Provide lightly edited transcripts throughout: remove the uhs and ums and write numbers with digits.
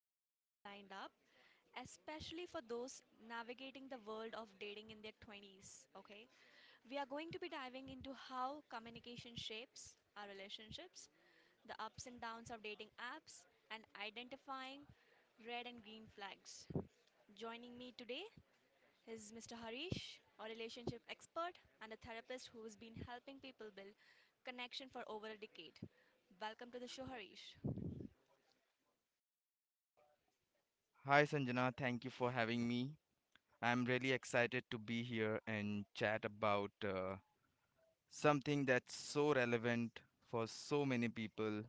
conversation lined up, especially for those navigating the world of dating in their 20s. Okay, we are going to be diving into how communication shapes our relationships, the ups and downs of dating apps, and identifying red and green flags. Joining me today he's Mr. Harish, a relationship expert and a therapist who's been helping people build connection for over a decade. Welcome to the show, Harish. Hi Sanjana, thank you for having me. I'm really excited to be here and chat about something that's so relevant for so many people,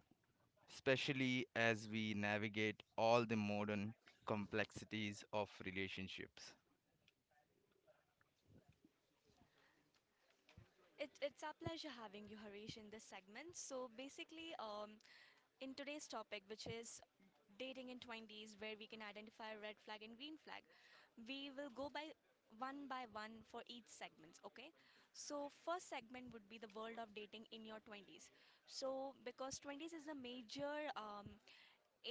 especially as we navigate all the modern complexities of relationships. It's our pleasure having you, Harish, in this segment. So, basically, in today's topic, which is dating in 20s, where we can identify red flag and green flag, we will go by one for each segments. Okay, so first segment would be the world of dating in your 20s. So because 20s is a major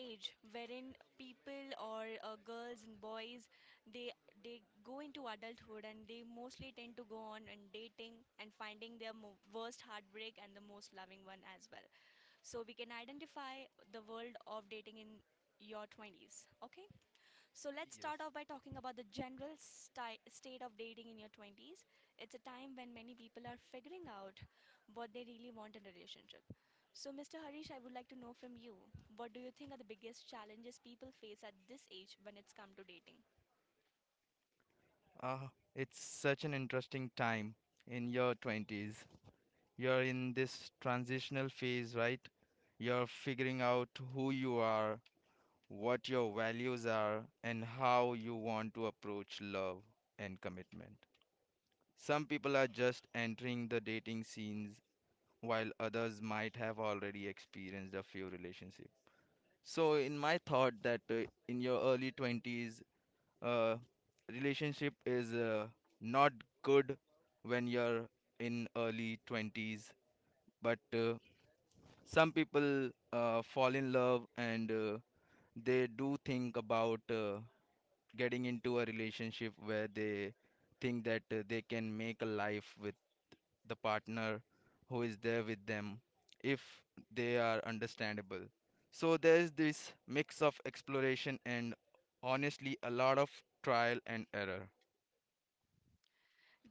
age wherein people or girls and boys, they they go into adulthood and they mostly tend to go on and dating and finding their worst heartbreak and the most loving one as well. So we can identify the world of dating in your 20s. Okay, so let's Yes. start off by talking about the general state of dating in your 20s. It's a time when many people are figuring out what they really want in a relationship. So, Mr. Harish, I would like to know from you, what do you think are the biggest challenges people face at this age when it's come to dating? Uh, it's such an interesting time in your 20s. You're in this transitional phase, right? You're figuring out who you are, what your values are, and how you want to approach love and commitment. Some people are just entering the dating scenes while others might have already experienced a few relationships. So, in my thought, that in your early 20s, uh, relationship is not good when you're in early 20s, but some people fall in love and they do think about getting into a relationship where they think that they can make a life with the partner who is there with them if they are understandable. So there's this mix of exploration and, honestly, a lot of trial and error.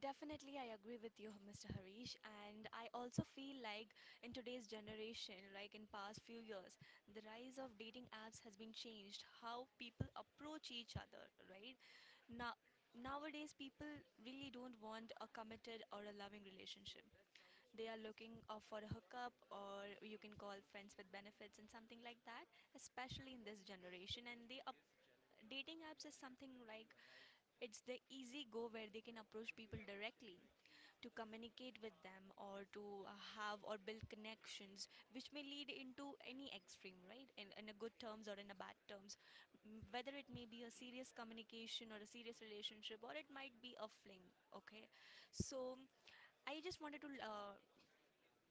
Definitely, I agree with you, Mr. Harish. And I also feel like in today's generation, like in past few years, the rise of dating apps has been changed how people approach each other, right? Now, nowadays, people really don't want a committed or a loving relationship. They are looking for a hookup, or you can call friends with benefits and something like that, especially in this generation. And the dating apps is something like it's the easy go where they can approach people directly to communicate with them or to have or build connections, which may lead into any extreme, right, in a good terms or in a bad terms. Whether it may be a serious communication or a serious relationship or it might be a fling. Okay, so I just wanted to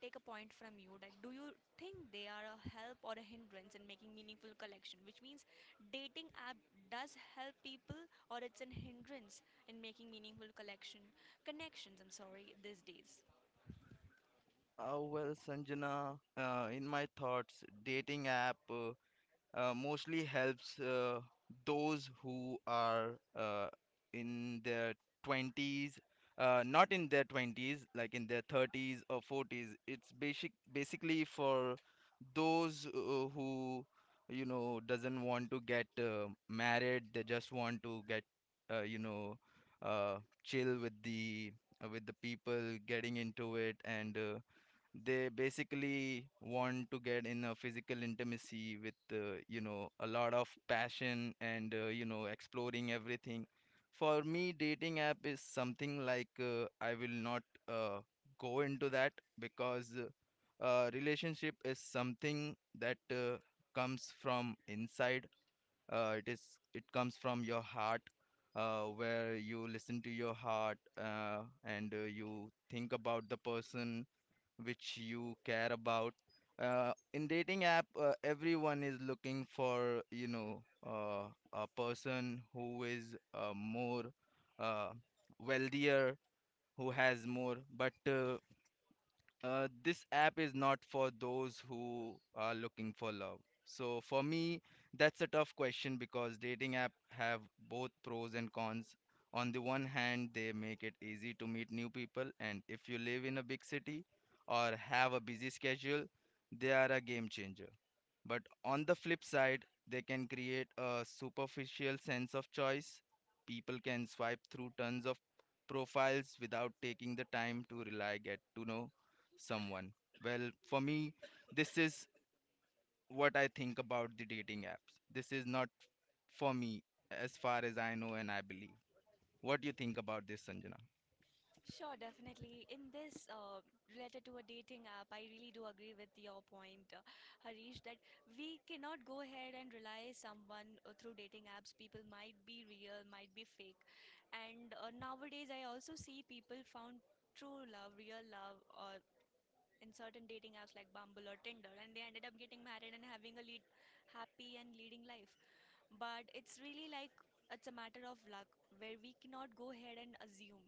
take a point from you, like, do you think they are a help or a hindrance in making meaningful connection? Which means dating app does help people or it's an hindrance in making meaningful collection, connections, I'm sorry, these days. Well, Sanjana, in my thoughts, dating app. Mostly helps those who are in their 20s, not in their 20s, like in their 30s or 40s. It's basically for those who, you know, doesn't want to get married. They just want to get, you know, uh, chill with the, with the people getting into it, and they basically want to get in a physical intimacy with, you know, a lot of passion and, you know, exploring everything. For me, dating app is something like, I will not uh, go into that, because relationship is something that comes from inside. Uh, it is it comes from your heart, where you listen to your heart, and you think about the person which you care about. In dating app, everyone is looking for, you know, a person who is more, uh, wealthier, who has more. But this app is not for those who are looking for love. So for me, that's a tough question because dating app have both pros and cons. On the one hand, they make it easy to meet new people, and if you live in a big city or have a busy schedule, they are a game changer. But on the flip side, they can create a superficial sense of choice. People can swipe through tons of profiles without taking the time to really get to know someone. Well, for me, this is what I think about the dating apps. This is not for me, as far as I know and I believe. What do you think about this, Sanjana? Sure, definitely. In this, related to a dating app, I really do agree with your point, Harish, that we cannot go ahead and rely someone through dating apps. People might be real, might be fake. And nowadays, I also see people found true love, real love, or in certain dating apps like Bumble or Tinder, and they ended up getting married and having a lead, happy and leading life. But it's really like it's a matter of luck where we cannot go ahead and assume.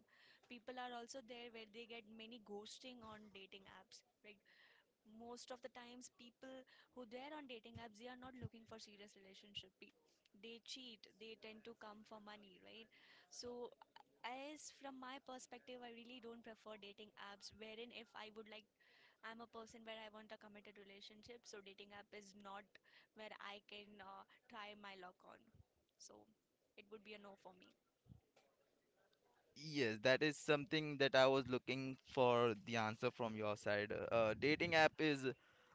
People are also there where they get many ghosting on dating apps, right? Most of the times people who they're on dating apps, they are not looking for serious relationship. They cheat, they tend to come for money, right? So as from my perspective, I really don't prefer dating apps, wherein if I would like, I'm a person where I want a committed relationship, so dating app is not where I can try my luck on. So it would be a no for me. Yes, that is something that I was looking for the answer from your side. Dating app is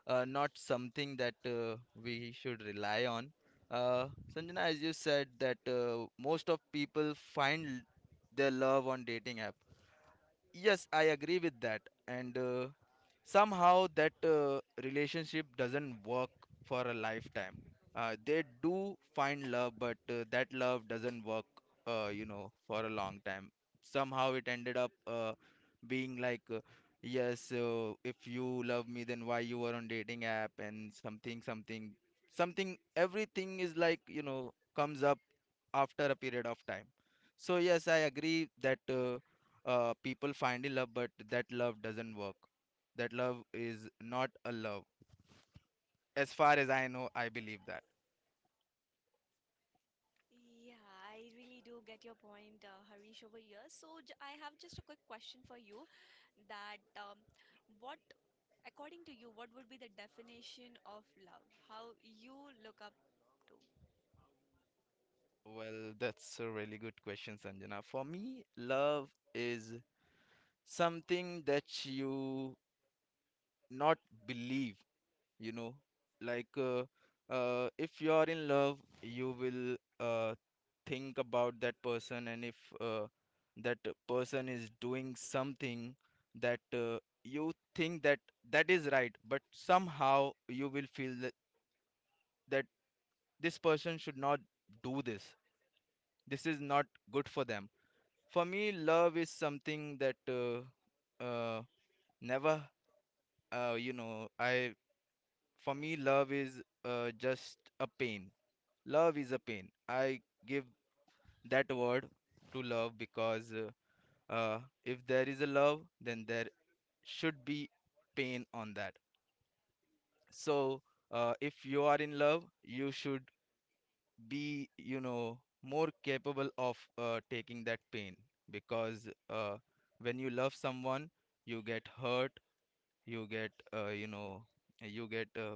not something that we should rely on. Uh, Sanjana, as you said, that most of people find their love on dating app. Yes, I agree with that. And somehow that relationship doesn't work for a lifetime. They do find love, but that love doesn't work, you know, for a long time. Somehow it ended up being like, yes, if you love me, then why you were on dating app, and something something something, everything is, like, you know, comes up after a period of time. So yes, I agree that people find love, but that love doesn't work. That love is not a love. As far as I know, I believe that. Yeah, I really do get your point, Harish, over here. So j I have just a quick question for you that what, according to you, what would be the definition of love? How you look up to? Well, that's a really good question, Sanjana. For me, love is something that you not believe, you know, like if you're in love, you will think about that person, and if that person is doing something that you think that that is right, but somehow you will feel that this person should not do this. This is not good for them. For me, love is something that uh, never, you know I For me, love is just a pain. Love is a pain. I give that word to love because if there is a love, then there should be pain on that. So if you are in love, you should be, you know, more capable of taking that pain, because when you love someone, you get hurt, you get, you know, you get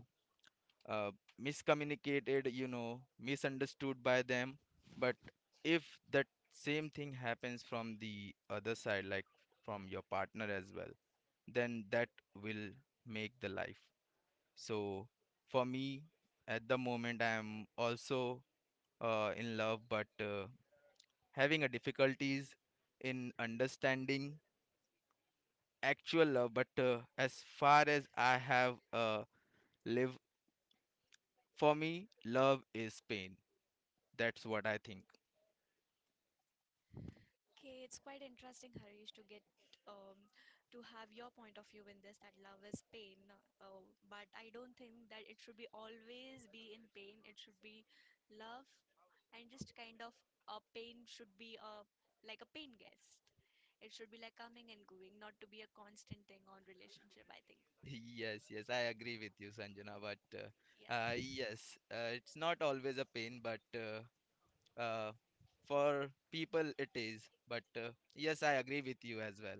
uh, miscommunicated, you know, misunderstood by them. But if that same thing happens from the other side, like from your partner as well, then that will make the life. So for me, at the moment, I am also in love, but having a difficulties in understanding actual love, but as far as I have lived, for me, love is pain. That's what I think. Okay, it's quite interesting, Harish, to get um, to have your point of view in this, that love is pain. But I don't think that it should be always be in pain. It should be love, and just kind of a pain should be a like a pain guest. It should be like coming and going, not to be a constant thing on relationship, I think, Yes, yes, I agree with you, Sanjana. But yeah. yes, it's not always a pain, but uh, for people it is. But yes, I agree with you as well.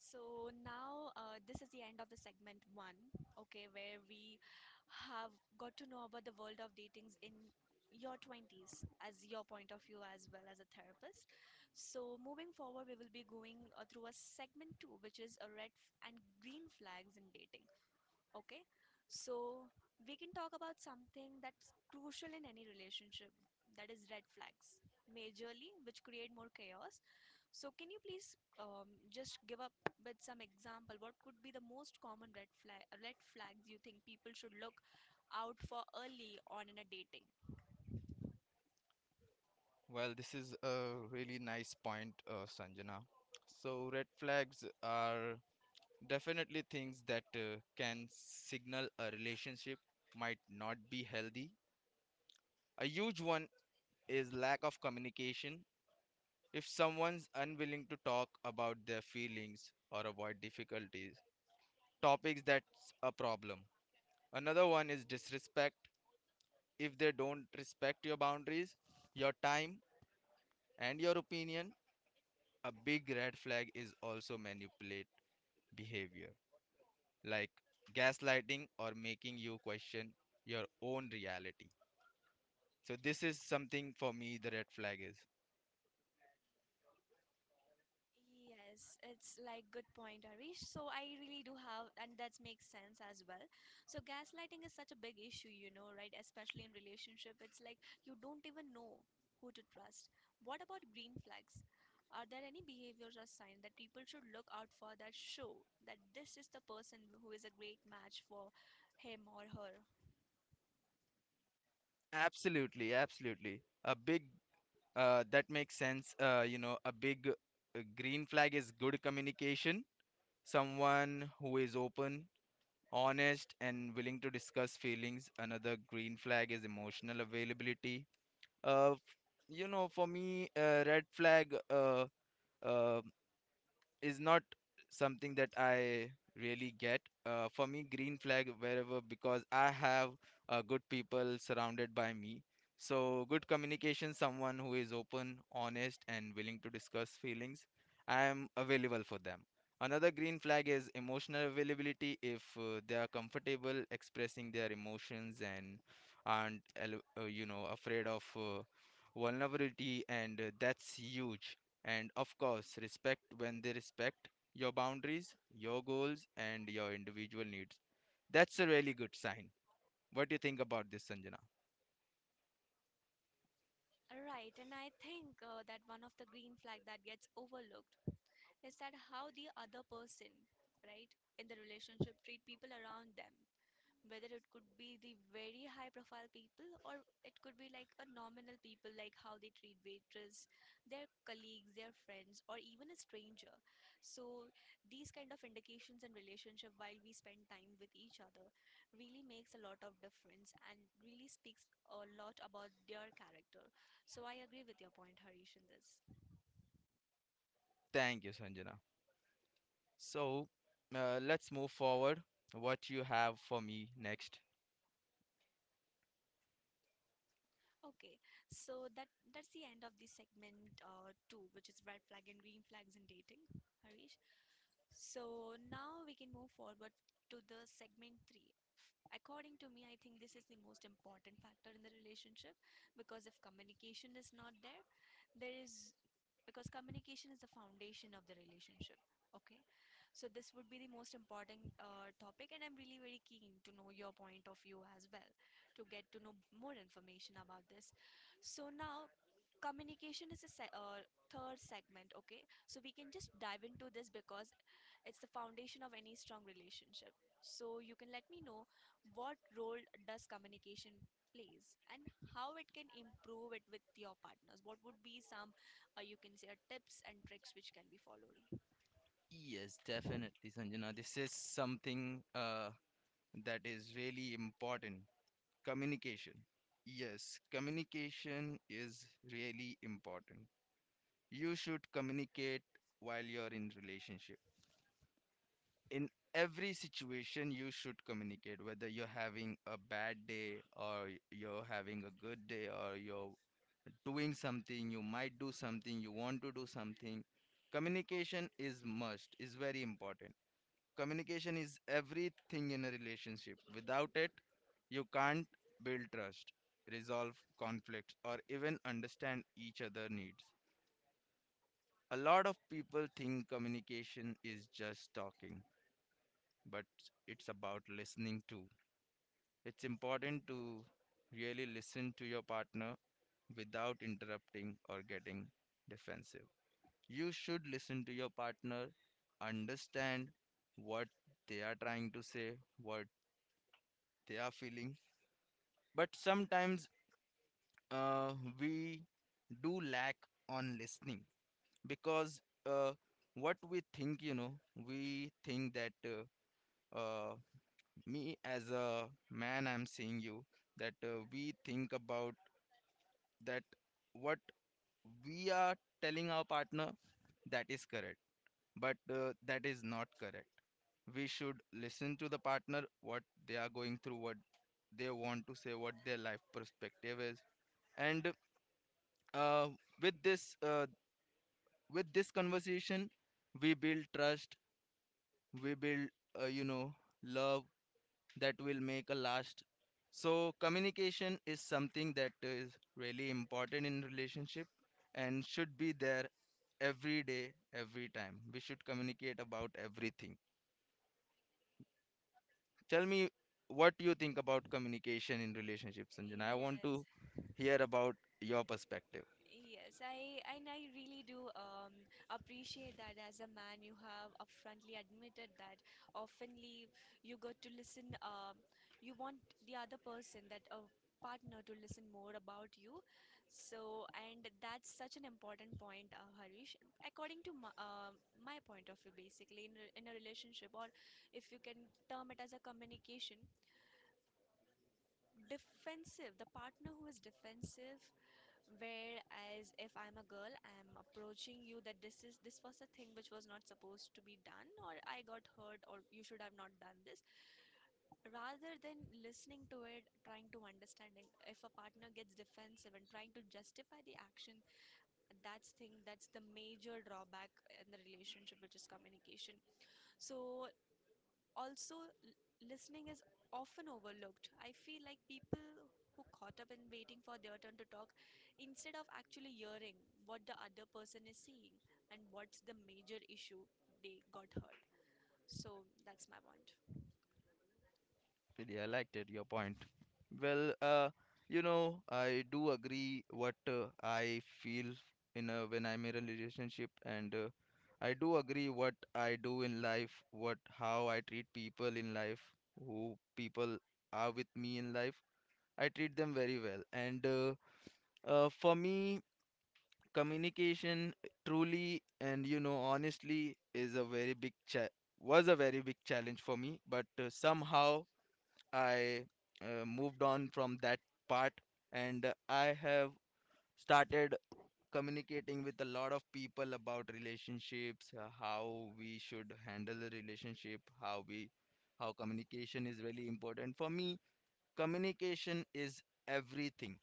So now this is the end of the segment one, okay, where we have got to know about the world of datings in your 20s as your point of view as well as a therapist. So moving forward, we will be going through a segment two, which is a red and green flags in dating. Okay, so we can talk about something that's crucial in any relationship, that is red flags, majorly, which create more chaos. So, can you please just give up with some example? What could be the most common red flags you think people should look out for early on in a dating? Well, this is a really nice point, Sanjana. So, red flags are definitely things that can signal a relationship might not be healthy. A huge one is lack of communication. If someone's unwilling to talk about their feelings or avoid difficulties, topics, that's a problem. Another one is disrespect. If they don't respect your boundaries, your time, and your opinion, a big red flag is also manipulate behavior, like gaslighting or making you question your own reality. So this is something, for me, the red flag is. Yes, it's like good point, Arish. So I really do have, and that makes sense as well. So gaslighting is such a big issue, you know, right? Especially in relationship, it's like you don't even know who to trust. What about green flags? Are there any behaviors or signs that people should look out for that show that this is the person who is a great match for him or her? Absolutely, absolutely. A big, that makes sense. You know, a big green flag is good communication. Someone who is open, honest, and willing to discuss feelings. Another green flag is emotional availability. Uh, f- you know, for me, red flag, uh, is not something that I really get. For me, green flag wherever, because I have good people surrounded by me. So, good communication, someone who is open, honest, and willing to discuss feelings. I am available for them. Another green flag is emotional availability, if they are comfortable expressing their emotions and aren't, you know, afraid of vulnerability, and that's huge. And of course, respect, when they respect your boundaries, your goals, and your individual needs. That's a really good sign. What do you think about this, Sanjana? Right, and I think that one of the green flag that gets overlooked is that how the other person, right, in the relationship treat people around them, whether it could be the very high profile people or it could be like a nominal people, like how they treat waitress, their colleagues, their friends, or even a stranger. So these kind of indications in relationship while we spend time with each other really makes a lot of difference and really speaks a lot about their character. So I agree with your point, Harish, in this. Thank you, Sanjana. So, let's move forward. What you have for me next? Okay, so that that's the end of the segment two, which is red flag and green flags in dating, Harish. So now we can move forward to the segment three. According to me, I think this is the most important factor in the relationship, because if communication is not there, there is, because communication is the foundation of the relationship. Okay, so this would be the most important topic, and I'm really very keen to know your point of view as well, to get to know more information about this. So now communication is a third segment. Okay, so we can just dive into this, because it's the foundation of any strong relationship. So you can let me know, what role does communication plays, and how it can improve it with your partners? What would be some you can say tips and tricks which can be followed? Yes, definitely, Sanjana. This is something that is really important. Communication. Yes, communication is really important. You should communicate while you're in relationship, in every situation you should communicate, whether you're having a bad day or you're having a good day, or you're doing something, you might do something, you want to do something. Communication is must, is very important. Communication is everything in a relationship. Without it, you can't build trust, resolve conflicts, or even understand each other needs. A lot of people think communication is just talking, but it's about listening too. It's important to really listen to your partner without interrupting or getting defensive. You should listen to your partner, understand what they are trying to say, what they are feeling. But sometimes, uh, we do lack on listening, because uh, what we think, you know, we think that uh, uh, me, as a man, I'm seeing you, that we think about that what we are telling our partner, that is correct, but that is not correct. We should listen to the partner, what they are going through, what they want to say, what their life perspective is. And uh, with this, with this conversation, we build trust, we build, you know, love that will make a last. So communication is something that is really important in relationship and should be there every day, every time. We should communicate about everything. Tell me what you think about communication in relationships, Sanjana. I want Yes. to hear about your perspective. Yes, I, and I really do appreciate that as a man you have upfrontly admitted that oftenly you got to listen, you want the other person, that a partner, to listen more about you. So and that's such an important point, Harish. According to my, my point of view, basically in a relationship, or if you can term it as a communication, defensive. The partner who is defensive, whereas if I'm a girl, I'm approaching you that this is, this was a thing which was not supposed to be done, or I got hurt, or you should have not done this. Rather than listening to it, trying to understand it, if a partner gets defensive and trying to justify the action, that's thing, that's the major drawback in the relationship, which is communication. So also listening is often overlooked. I feel like people who caught up in waiting for their turn to talk instead of actually hearing what the other person is seeing, and what's the major issue, they got hurt. So that's my point. Really, I liked it, your point. Well, you know, I do agree what I feel when I'm in a relationship, and I do agree what I do in life, what, how I treat people in life, who people are with me in life. I treat them very well, and for me, communication, truly and, you know, honestly, is a very big cha was a very big challenge for me, but somehow, I moved on from that part, and I have started communicating with a lot of people about relationships, how we should handle the relationship, how communication is really important. For me, communication is everything.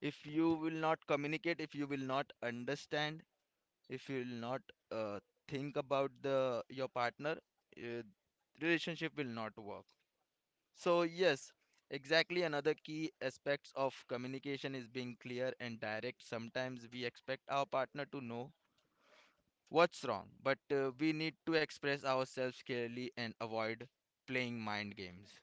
If you will not communicate, if you will not understand, if you will not uh, think about the your partner, uh, relationship will not work. So, yes, exactly, another key aspects of communication is being clear and direct. Sometimes we expect our partner to know what's wrong, but we need to express ourselves clearly and avoid playing mind games.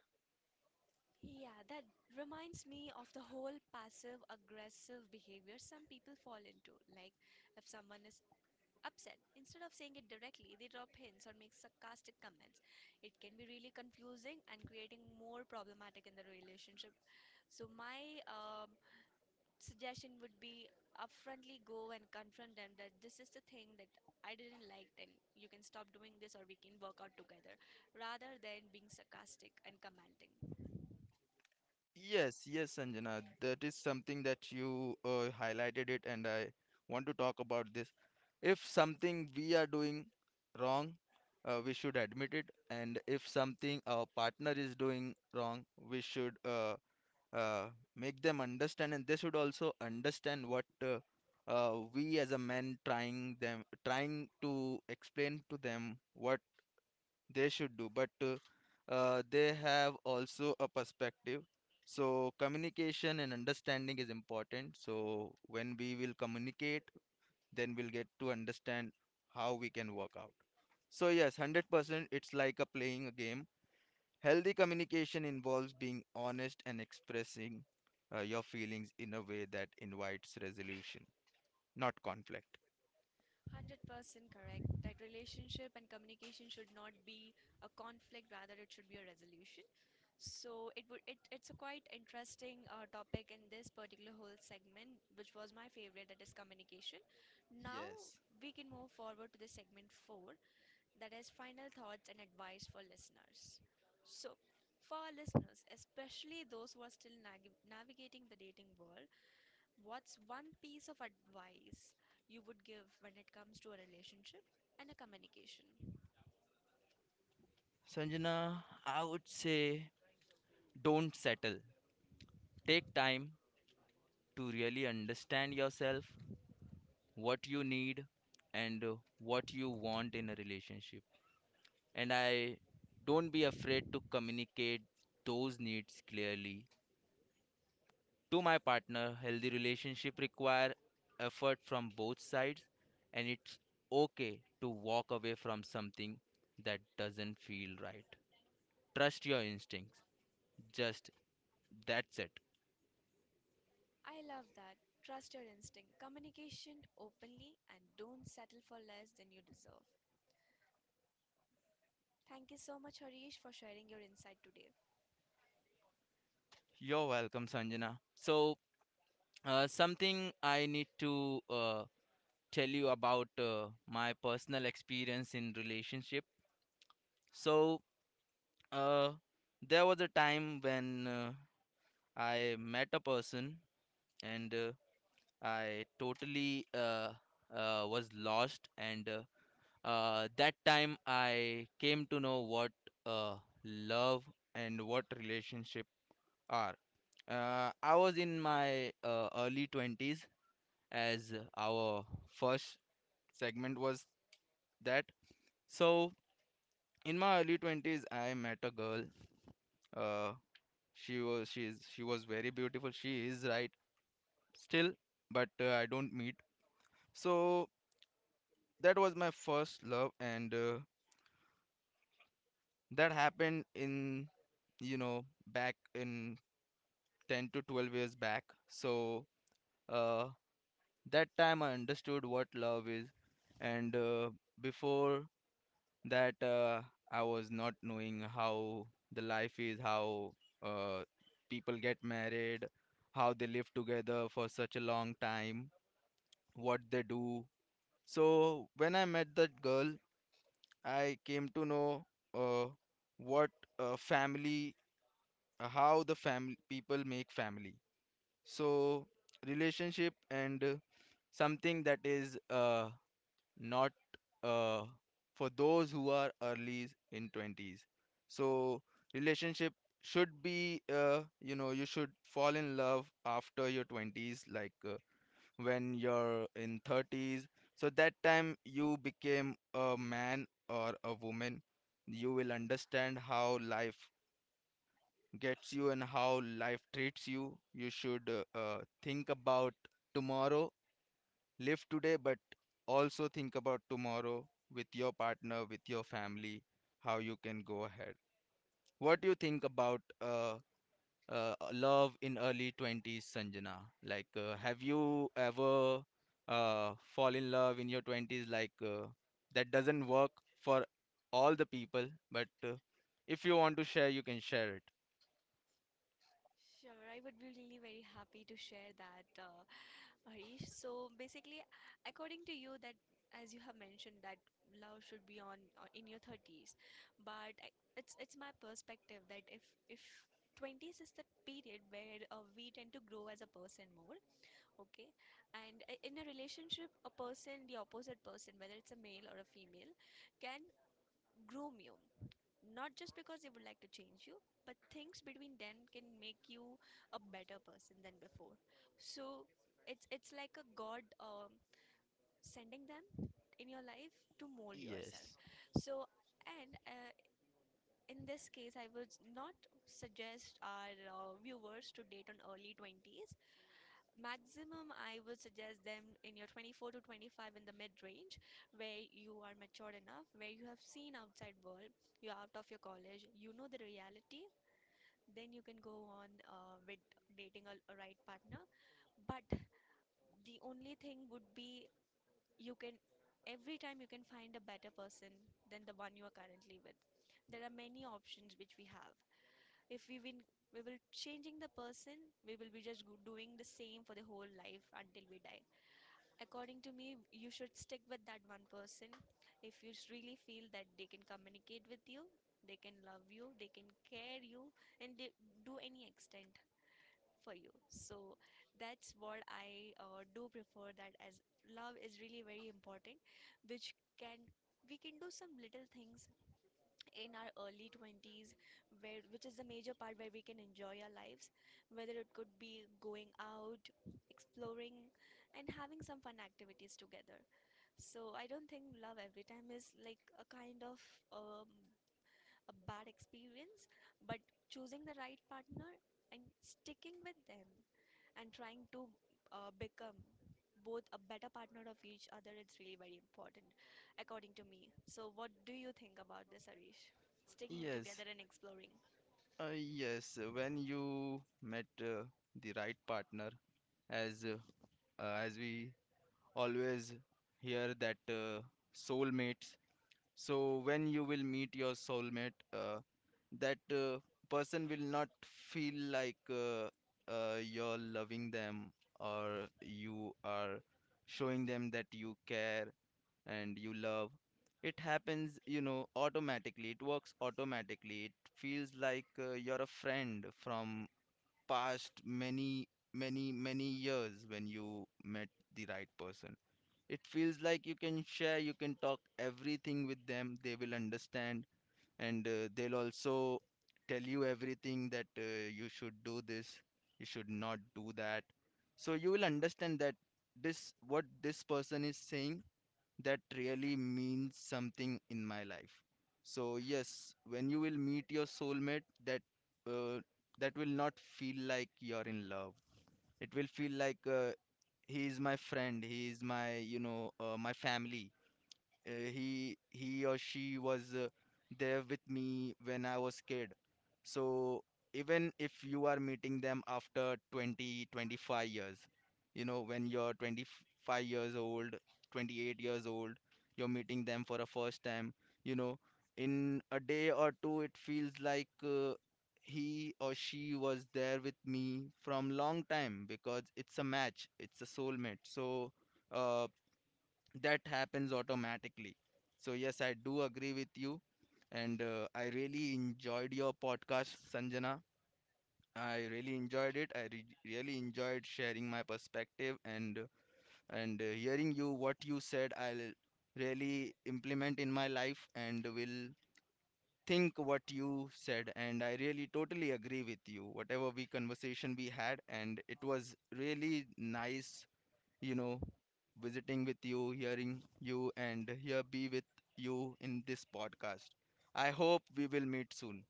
Yeah, that reminds me of the whole passive aggressive behavior some people fall into, like if someone is upset, instead of saying it directly, they drop hints or make sarcastic comments. It can be really confusing and creating more problematic in the relationship. So, my suggestion would be upfrontly go and confront them, that this is the thing that I didn't like, then you can stop doing this or we can work out together rather than being sarcastic and commenting. Yes, yes, Sanjana, that is something that you highlighted it, and I want to talk about this. If something we are doing wrong, we should admit it, and if something our partner is doing wrong, we should uh, make them understand, and they should also understand what we as a man trying to explain to them what they should do, but they have also a perspective. So communication and understanding is important, so when we will communicate, then we'll get to understand how we can work out. So yes, 100%, it's like a playing a game. Healthy communication involves being honest and expressing your feelings in a way that invites resolution, not conflict. 100% correct, that relationship and communication should not be a conflict, rather it should be a resolution. So it would it's a quite interesting topic in this particular whole segment, which was my favorite, that is communication. Now Yes. we can move forward to the segment 4, that is final thoughts and advice for listeners. So for our listeners, especially those who are still navigating the dating world, what's one piece of advice you would give when it comes to a relationship and a communication? Sanjana, I would say don't settle. Take time to really understand yourself, what you need, and what you want in a relationship. And I don't be afraid to communicate those needs clearly. To my partner, healthy relationship require effort from both sides, and it's okay to walk away from something that doesn't feel right. Trust your instincts. Just that's it. I love that. Trust your instinct. Communication openly and don't settle for less than you deserve. Thank you so much, Harish, for sharing your insight today. You're welcome, Sanjana. So, something I need to tell you about my personal experience in relationship. So, uh, there was a time when I met a person, and I totally was lost, and that time I came to know what uh, love and what relationship are. I was in my early 20s, as our first segment was that. So in my early 20s, I met a girl. Uh, she was she is she was very beautiful. She is right still, but I don't meet. So that was my first love, and that happened in, you know, back in 10 to 12 years back. So uh, that time I understood what love is. And before that, I was not knowing how the life is, how uh, people get married, how they live together for such a long time, what they do. So when I met that girl, I came to know uh, what family, how the family people make family. So relationship and something that is not uh, for those who are early in 20s. So relationship should be, you know, you should fall in love after your 20s, like when you're in 30s. So that time you became a man or a woman, you will understand how life gets you and how life treats you. You should think about tomorrow. Live today, but also think about tomorrow with your partner, with your family, how you can go ahead. What do you think about love in early 20s, Sanjana? Like, have you ever fall in love in your 20s? Like, that doesn't work for all the people, but if you want to share, you can share it. Sure, I would be really very happy to share that, Harish. So basically, according to you, that as you have mentioned, that love should be on in your 30s, but it's my perspective that if 20s is the period where we tend to grow as a person more, okay, and in a relationship, a person, the opposite person, whether it's a male or a female, can groom you. Not just because they would like to change you, but things between them can make you a better person than before. So it's like a God sending them in your life to mold yourself. Yes, So and in this case, I would not suggest our viewers to date on early 20s. Maximum, I would suggest them in your 24 to 25 in the mid range, where you are matured enough, where you have seen outside world, you're out of your college, you know the reality. Then you can go on with dating a right partner. But the only thing would be you can every time you can find a better person than the one you are currently with. There are many options which we have. If we win, we will changing the person. We will be just doing the same for the whole life until we die. According to me, you should stick with that one person if you really feel that they can communicate with you, they can love you, they can care you, and they do any extent for you. So that's what I do prefer that, as love is really very important, which can, we can do some little things in our early 20s, where which is the major part where we can enjoy our lives, whether it could be going out, exploring, and having some fun activities together. So I don't think love every time is like a kind of um, a bad experience, but choosing the right partner and sticking with them and trying to become both a better partner of each other, it's really very important according to me. So what do you think about this, Arish? Sticking together yes, and exploring. Yes. When you met the right partner, as uh, as we always hear that, soulmates, so when you will meet your soulmate, that person will not feel like you're loving them or you are showing them that you care and you love. It happens, you know, automatically. It works automatically. It feels like you're a friend from past many, many, many years. When you met the right person, it feels like you can share, you can talk everything with them, they will understand, and they'll also tell you everything that you should do this, you should not do that. So you will understand that this what this person is saying, that really means something in my life. So yes, when you will meet your soulmate, that uh, that will not feel like you're in love. It will feel like he is my friend, he is my, you know, my family. He or she was there with me when I was kid. So even if you are meeting them after 20, 25 years, you know, when you're 25 years old, 28 years old, you're meeting them for a first time, you know, in a day or two, it feels like he or she was there with me from long time because it's a match, it's a soulmate. So, uh, that happens automatically. So, yes, I do agree with you. And I really enjoyed your podcast, Sanjana. I really enjoyed it. I re really enjoyed sharing my perspective, and hearing you what you said. I'll really implement in my life and will think what you said. And I really totally agree with you. Whatever we conversation we had, and it was really nice, you know, visiting with you, hearing you, and here be with you in this podcast. I hope we will meet soon.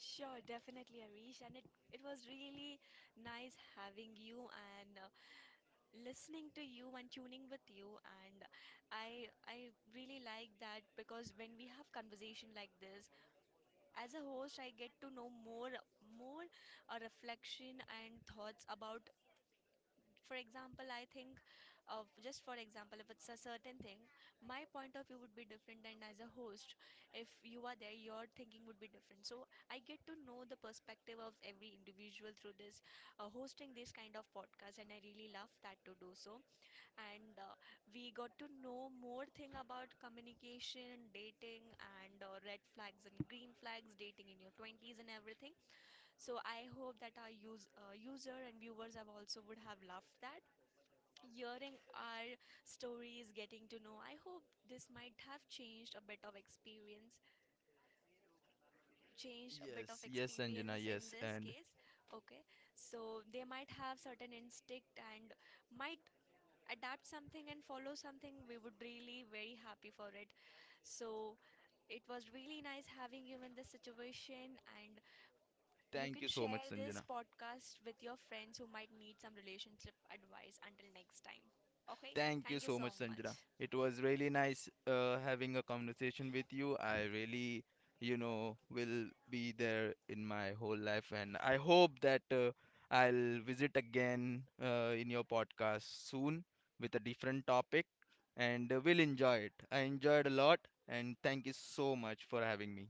Sure, definitely, Arish, and it was really nice having you and listening to you and tuning with you, and I really like that, because when we have conversation like this, as a host, I get to know more, more, a reflection and thoughts about. For example, I think of, just for example, if it's a certain thing, my point of view would be different, and as a host, if you are there, your thinking would be different. So I get to know the perspective of every individual through this hosting this kind of podcast, and I really love that to do so. And we got to know more thing about communication, dating, and red flags and green flags, dating in your 20s and everything. So I hope that our user and viewers have also would have loved that. Hearing our stories, getting to know, I hope this might have changed a bit of experience, changed a bit of Yes, yes, Sanjana, experience in yes. this And case. Okay, so they might have certain instinct and might adapt something and follow something, we would really very happy for it. So it was really nice having you in this situation, and you thank can you so much, share this Sanjana. podcast with your friends who might need some relationship advice until next time. Okay, Thank you thank you so much, so Sanjana. much. It was really nice having a conversation with you. I really, you know, will be there in my whole life, and I hope that I'll visit again in your podcast soon with a different topic, and we'll enjoy it. I enjoyed a lot, and thank you so much for having me.